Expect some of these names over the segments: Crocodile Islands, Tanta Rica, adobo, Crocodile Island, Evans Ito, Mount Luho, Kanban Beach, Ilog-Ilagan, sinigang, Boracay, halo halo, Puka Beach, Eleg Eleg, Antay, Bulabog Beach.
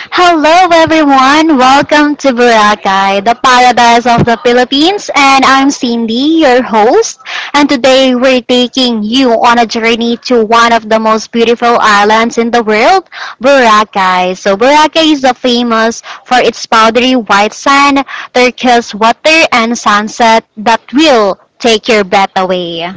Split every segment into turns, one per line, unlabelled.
Hello, everyone. Welcome to Boracay, the paradise of the Philippines. And I'm Cindy, your host. And today we're taking you on a journey to one of the most beautiful islands in the world, Boracay. So, Boracay is the famous for its powdery white sand, turquoise water, and sunset that will take your breath away.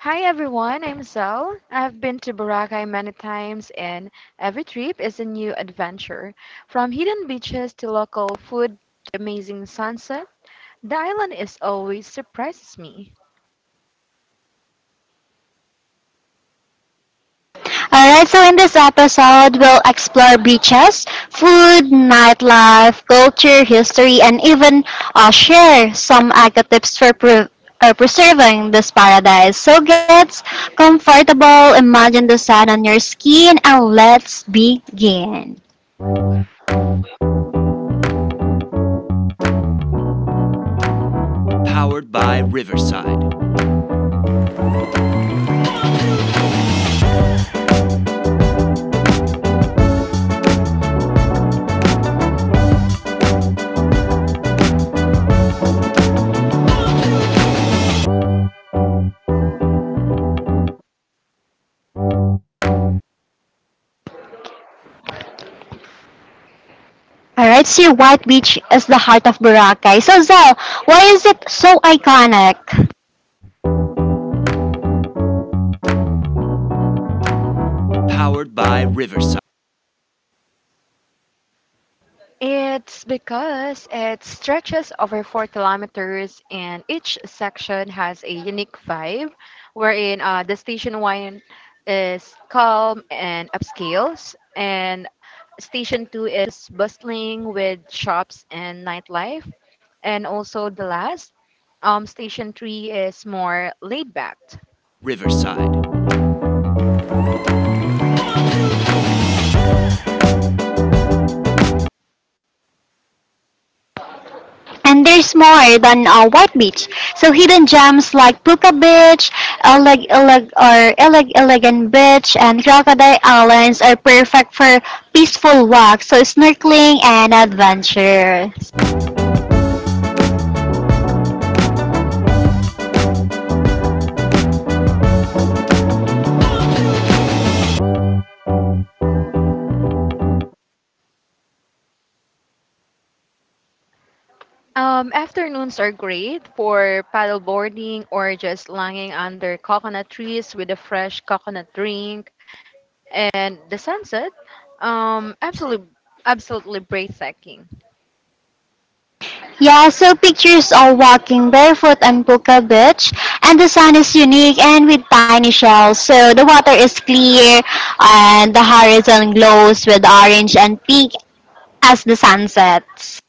Hi everyone, I'm Zell. I've been to Boracay many times, and every trip is a new adventure. From hidden beaches to local food to amazing sunset, the island is always surprises me.
Alright, so in this episode, we'll explore beaches, food, nightlife, culture, history, and even share some eco tips for preserving this paradise. So get comfortable, imagine the sun on your skin, and let's begin. Alright, so White Beach is the heart of Boracay. So Zell, why is it so iconic?
It's because it stretches over 4 kilometers and each section has a unique vibe, wherein the station one is calm and upscales, and station two is bustling with shops and nightlife. And also the last, station three is more laid back.
And there's more than White Beach. So hidden gems like Puka Beach, Eleg Eleg or Eleg Elegant Beach, and Crocodile Islands are perfect for peaceful walks, so snorkeling and adventure.
Afternoons are great for paddleboarding or just lying under coconut trees with a fresh coconut drink and the sunset. Absolutely, absolutely breathtaking.
Yeah, so pictures of walking barefoot on Puka Beach, and the sun is unique and with tiny shells. So the water is clear, and the horizon glows with orange and pink as the sun sets.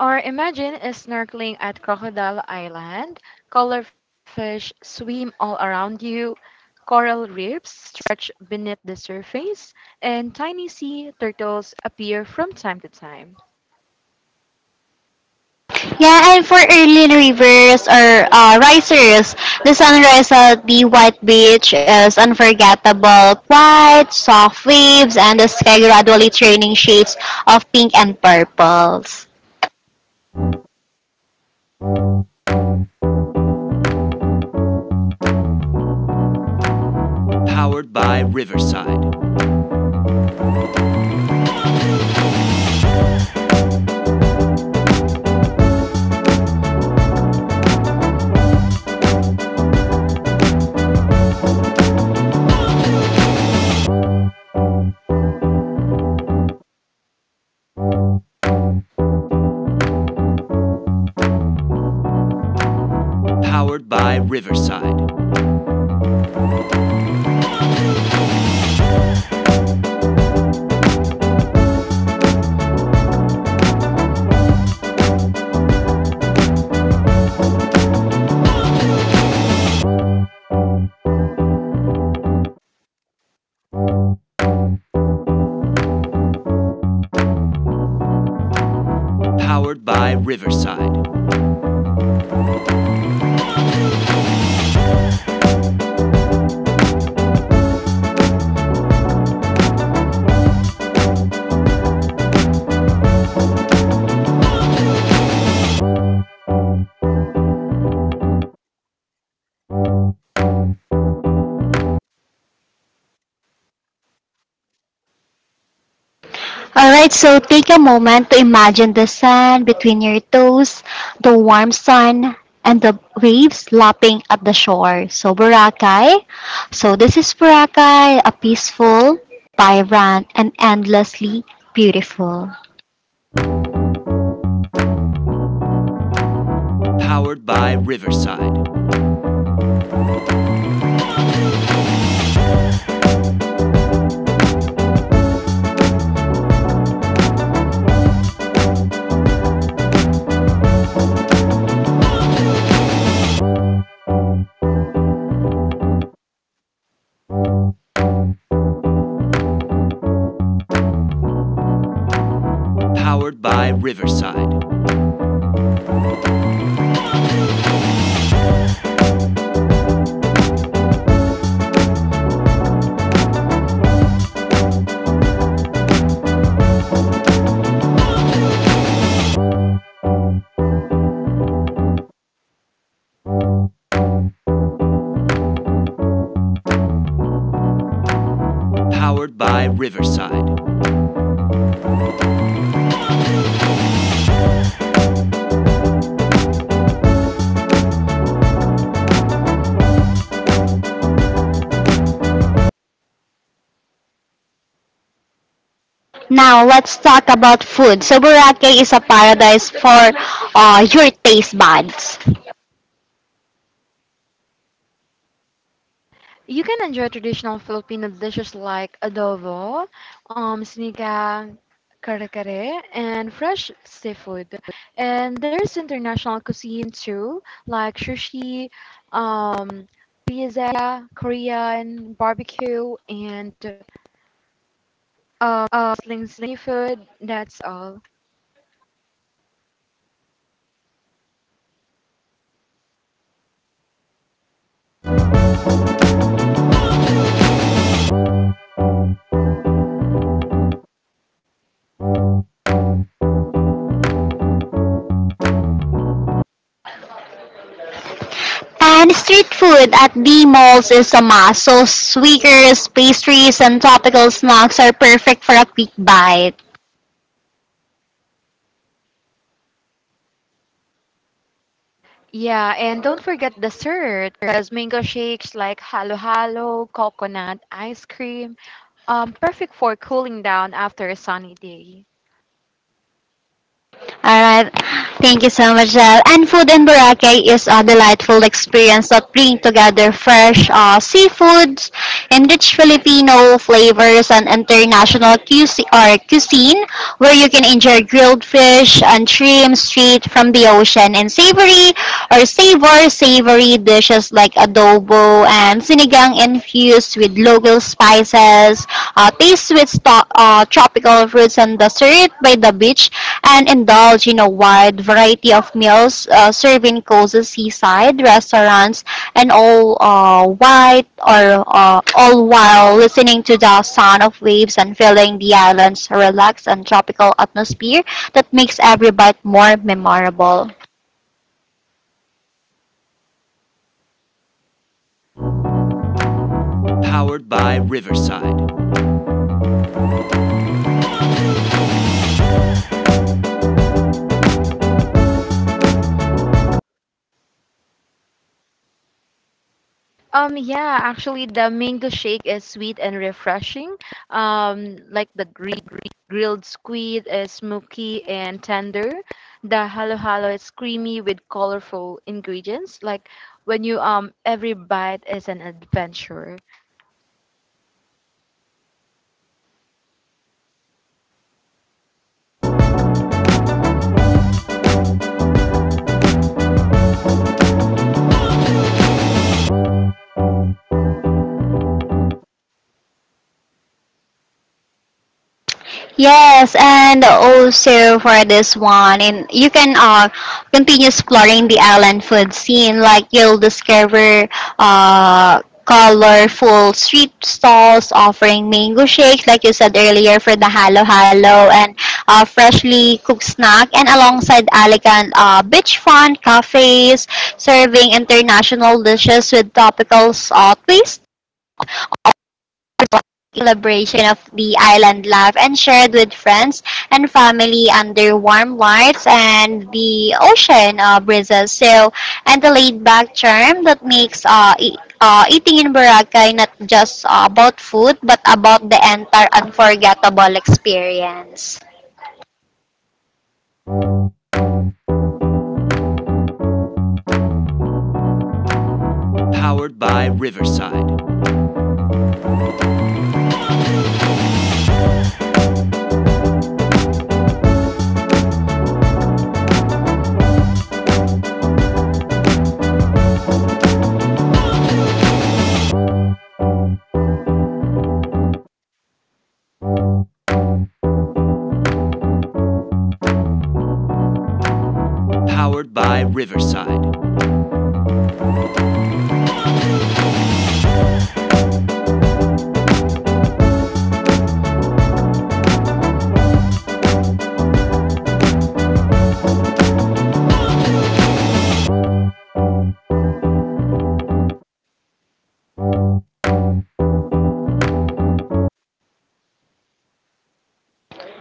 Or imagine a snorkeling at Crocodile Island. Color fish swim all around you. Coral reefs stretch beneath the surface, and tiny sea turtles appear from time to time.
Yeah, and for early rivers or risers, the sunrise at the white beach is unforgettable. Quiet, soft waves, and the sky gradually turning shades of pink and purples. Alright, so take a moment to imagine the sand between your toes, the warm sun, and the waves lapping at the shore. So, Boracay. So, this is Boracay, a peaceful, vibrant, and endlessly beautiful. Now, let's talk about food. So, Boracay is a paradise for your taste buds.
You can enjoy traditional Filipino dishes like adobo, sinigang, kare-kare, and fresh seafood. And there's international cuisine too, like sushi, um, pizza, Korean barbecue, and sling food. That's all.
And street food at the malls is a must. So, sweakers, pastries, and topical snacks are perfect for a quick bite.
Yeah, and don't forget dessert, because mango shakes like halo-halo, coconut ice cream, perfect for cooling down after a sunny day.
Alright. Thank you so much, Jel. And food in Boracay is a delightful experience that bring together fresh seafoods, enriched Filipino flavors, and international cuisine where you can enjoy grilled fish and shrimp straight from the ocean and savory or savor savory dishes like adobo and sinigang infused with local spices, tropical fruits and dessert by the beach and indulge in a wide variety of meals, serving cozy seaside restaurants and all white or all while listening to the sound of waves and feeling the island's relaxed and tropical atmosphere that makes every bite more memorable.
Yeah, actually, the mango shake is sweet and refreshing. Like the grilled squid is smoky and tender. The halo halo is creamy with colorful ingredients. Like when you every bite is an adventure.
Yes, and also for this one, and you can continue exploring the island food scene. Like you'll discover uh, colorful street stalls offering mango shakes, like you said earlier, for the halo halo and freshly cooked snack, and alongside elegant beachfront cafes serving international dishes with topical twist celebration of the island life and shared with friends and family under warm lights and the ocean breezes. So, and the laid-back charm that makes eating in Boracay not just about food but about the entire unforgettable experience.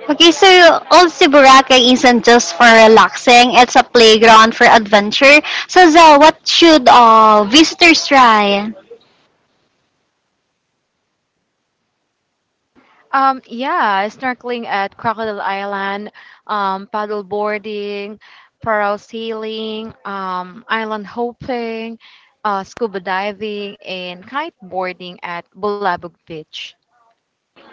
Okay, so also Boracay isn't just for relaxing; it's a playground for adventure. So, Zell, what should visitors try?
Yeah, snorkeling at Crocodile Island, paddle boarding, parallel sailing, island hopping, scuba diving, and kiteboarding at Bulabog Beach.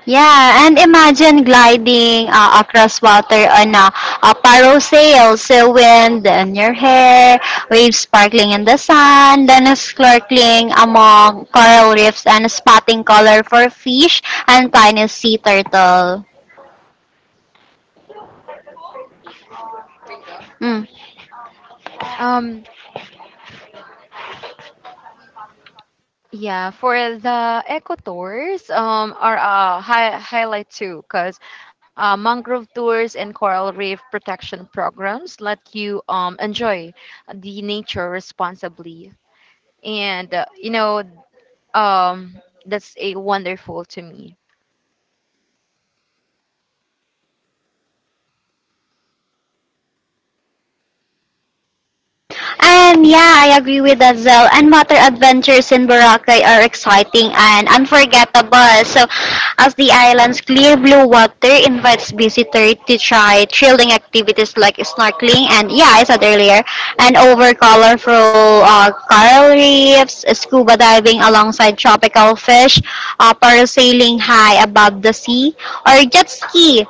Yeah, and imagine gliding across water on a parasail, so wind in your hair, waves sparkling in the sun, then snorkeling among coral reefs and spotting colorful fish and tiny sea turtle. Mm.
Um, yeah, for the eco tours, are a hi highlight too, because mangrove tours and coral reef protection programs let you enjoy the nature responsibly. And you know, Um, that's a wonderful to me.
And yeah, I agree with that, Zell. And water adventures in Boracay are exciting and unforgettable. So, as the island's clear blue water invites visitors to try thrilling activities like snorkeling and, yeah, I said earlier, and over colorful coral reefs, scuba diving alongside tropical fish, parasailing high above the sea, or jet ski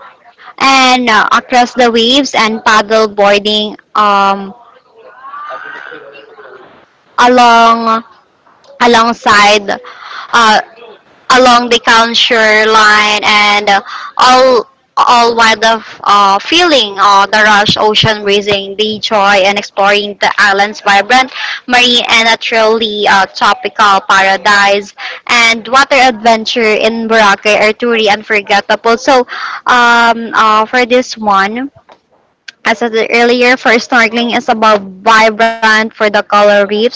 and across the waves and paddle boarding along alongside uh, along the counter line and all all while the feeling of the rush ocean breezing the joy and exploring the island's vibrant marine and naturally tropical paradise and water adventure in Boracay are truly unforgettable so for this one I said it earlier, for snorkeling is about vibrant for the coral reefs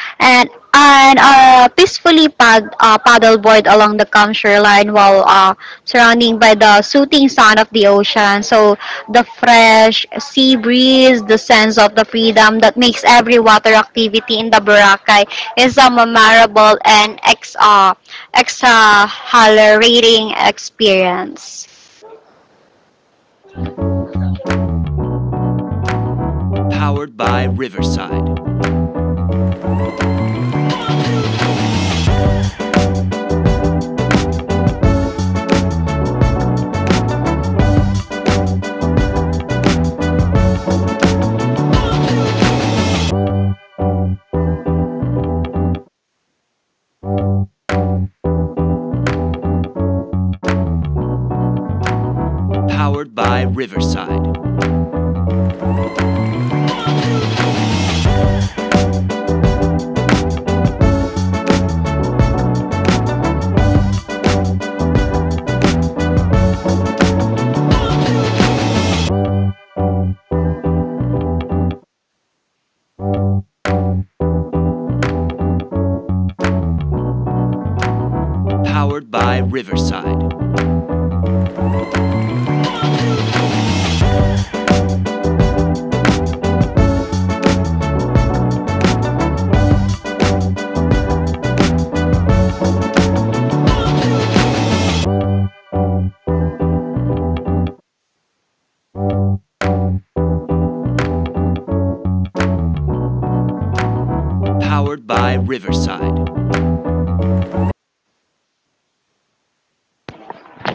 and and peacefully paddleboard along the calm shoreline while surrounding by the soothing sound of the ocean. So the fresh sea breeze, the sense of the freedom that makes every water activity in the Boracay is a memorable and exhilarating experience.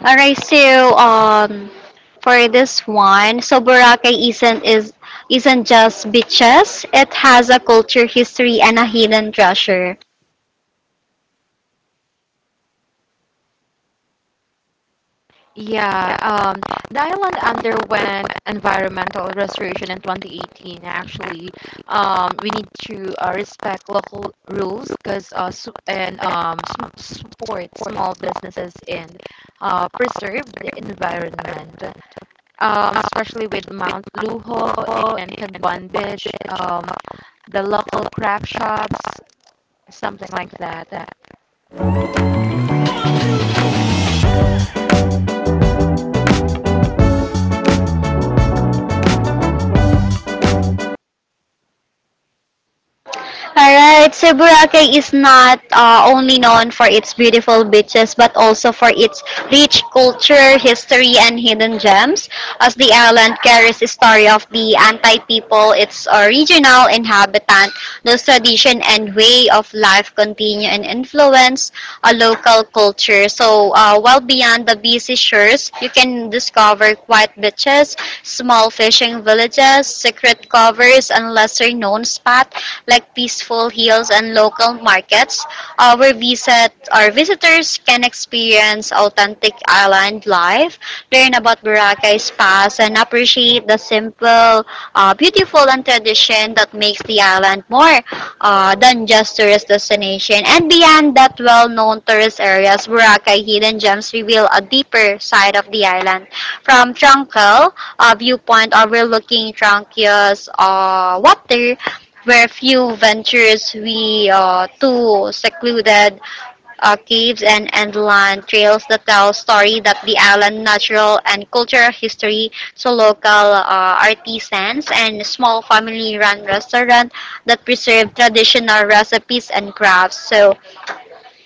Alright, so for this one, so Boracay isn't is isn't just beaches. It has a culture, history, and a hidden treasure.
Yeah, the island underwent environmental restoration in 2018. Actually, we need to respect local rules because support small businesses and preserve the environment, especially with Mount Luho and Kanban Beach, um, the local craft shops, something like that.
Alright, so Boracay is not only known for its beautiful beaches but also for its rich culture, history, and hidden gems. As the island carries the story of the Antay people, its original inhabitant, those tradition and way of life continue and influence a local culture. So while beyond the busy shores, you can discover quiet beaches, small fishing villages, secret covers, and lesser known spots like peaceful hills and local markets where visitors can experience authentic island life, learn about Boracay's past, and appreciate the simple, beautiful, and tradition that makes the island more than just tourist destination. And beyond that well-known tourist areas, Boracay hidden gems reveal a deeper side of the island. From tranquil, a viewpoint overlooking Tranquil's water where few ventures we to secluded caves and inland trails that tell story that the island natural and cultural history to local artisans and small family run restaurant that preserve traditional recipes and crafts so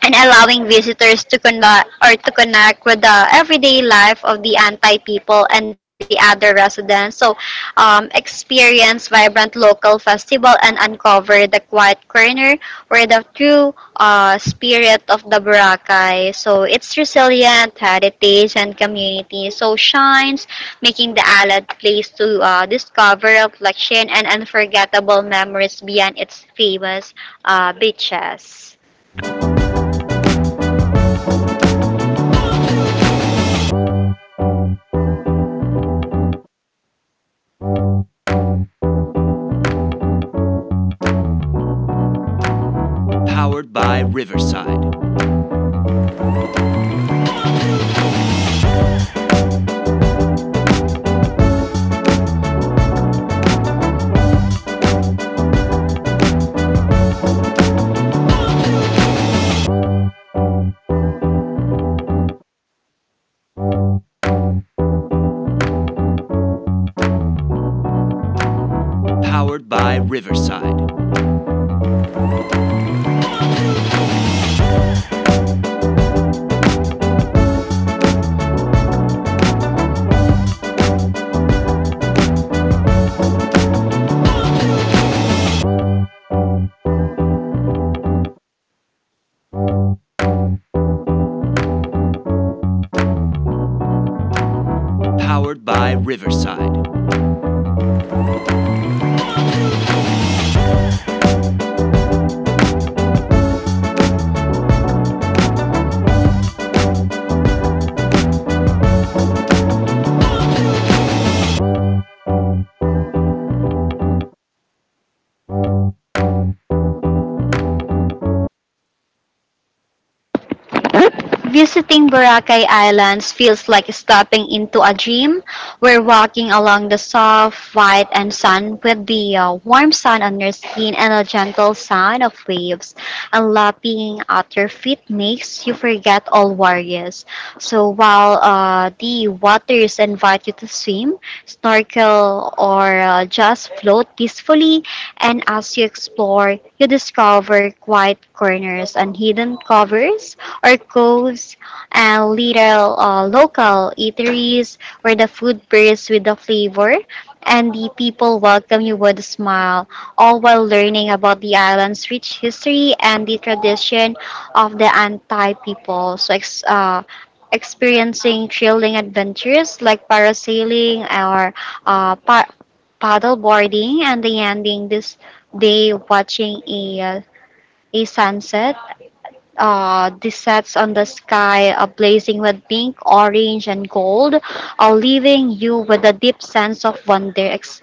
and allowing visitors to connect or to connect with the everyday life of the Antay people and the other residents. So, experience vibrant local festival and uncover the quiet corner where the true spirit of the Boracay. So, its resilient heritage and community so shines, making the Alad place to discover reflection and unforgettable memories beyond its famous beaches. Visiting Boracay Islands feels like stepping into a dream. We're walking along the soft, white, and sun with the warm sun on your skin and a gentle sound of waves. And lapping at your feet makes you forget all worries. So while the waters invite you to swim, snorkel, or just float peacefully, and as you explore, you discover quiet corners and hidden covers art coves, and little local eateries where the food bursts with the flavor and the people welcome you with a smile, all while learning about the island's rich history and the tradition of the Antai people. So, experiencing thrilling adventures like parasailing or uh, pa- paddle boarding, and the ending this day watching a sunset this sets on the sky, blazing with pink, orange, and gold, leaving you with a deep sense of wonder,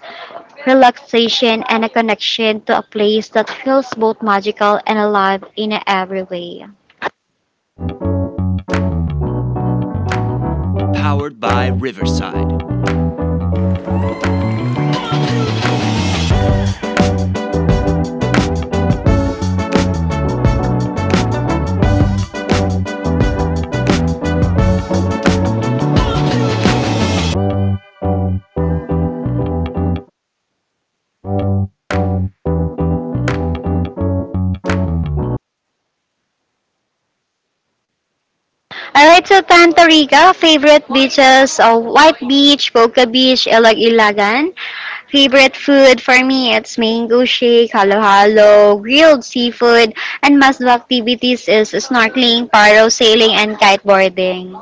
relaxation, and a connection to a place that feels both magical and alive in every way. Alright, so Tanta Rica, favorite beaches, White Beach, Boca Beach, Ilog-Ilagan. Favorite food for me, it's mango shake, halo-halo, grilled seafood, and must-do activities is snorkeling, paro sailing, and kiteboarding.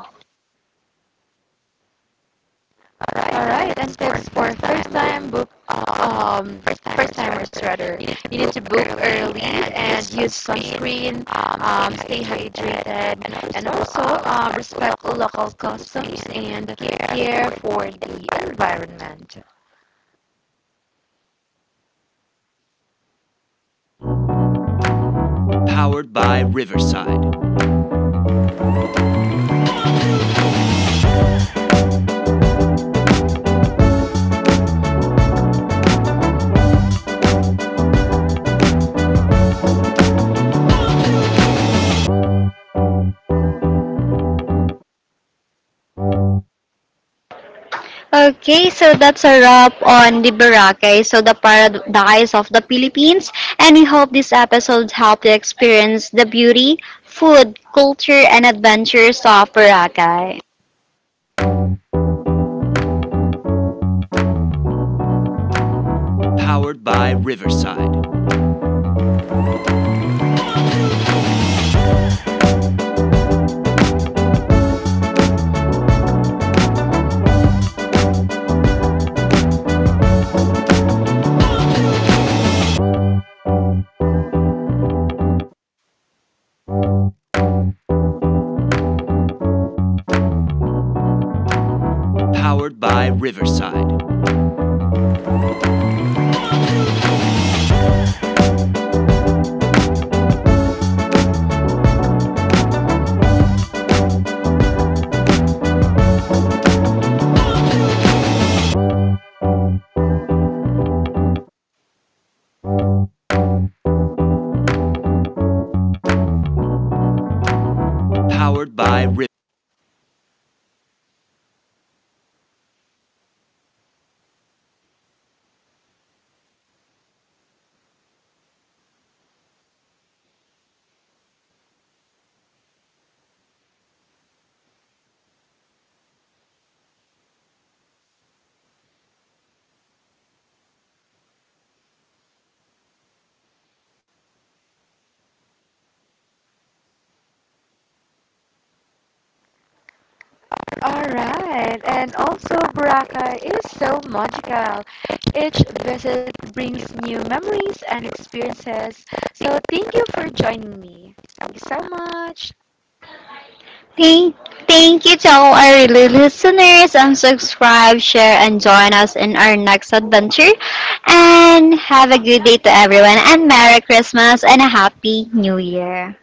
All right, and tips for first-timers rather. You need to book early and use sunscreen. Stay hydrated, and also respect local customs and care for the environment.
Okay, so that's a wrap on the Boracay, so the paradise of the Philippines, and we hope this episode helped you experience the beauty, food, culture, and adventures of Boracay.
All right, and also Boracay is so magical. Each visit brings new memories and experiences. So thank you for joining me. Thank you so much.
Thank, thank you to all our really listeners and subscribe, share, and join us in our next adventure. And have a good day to everyone, and Merry Christmas and a Happy New Year.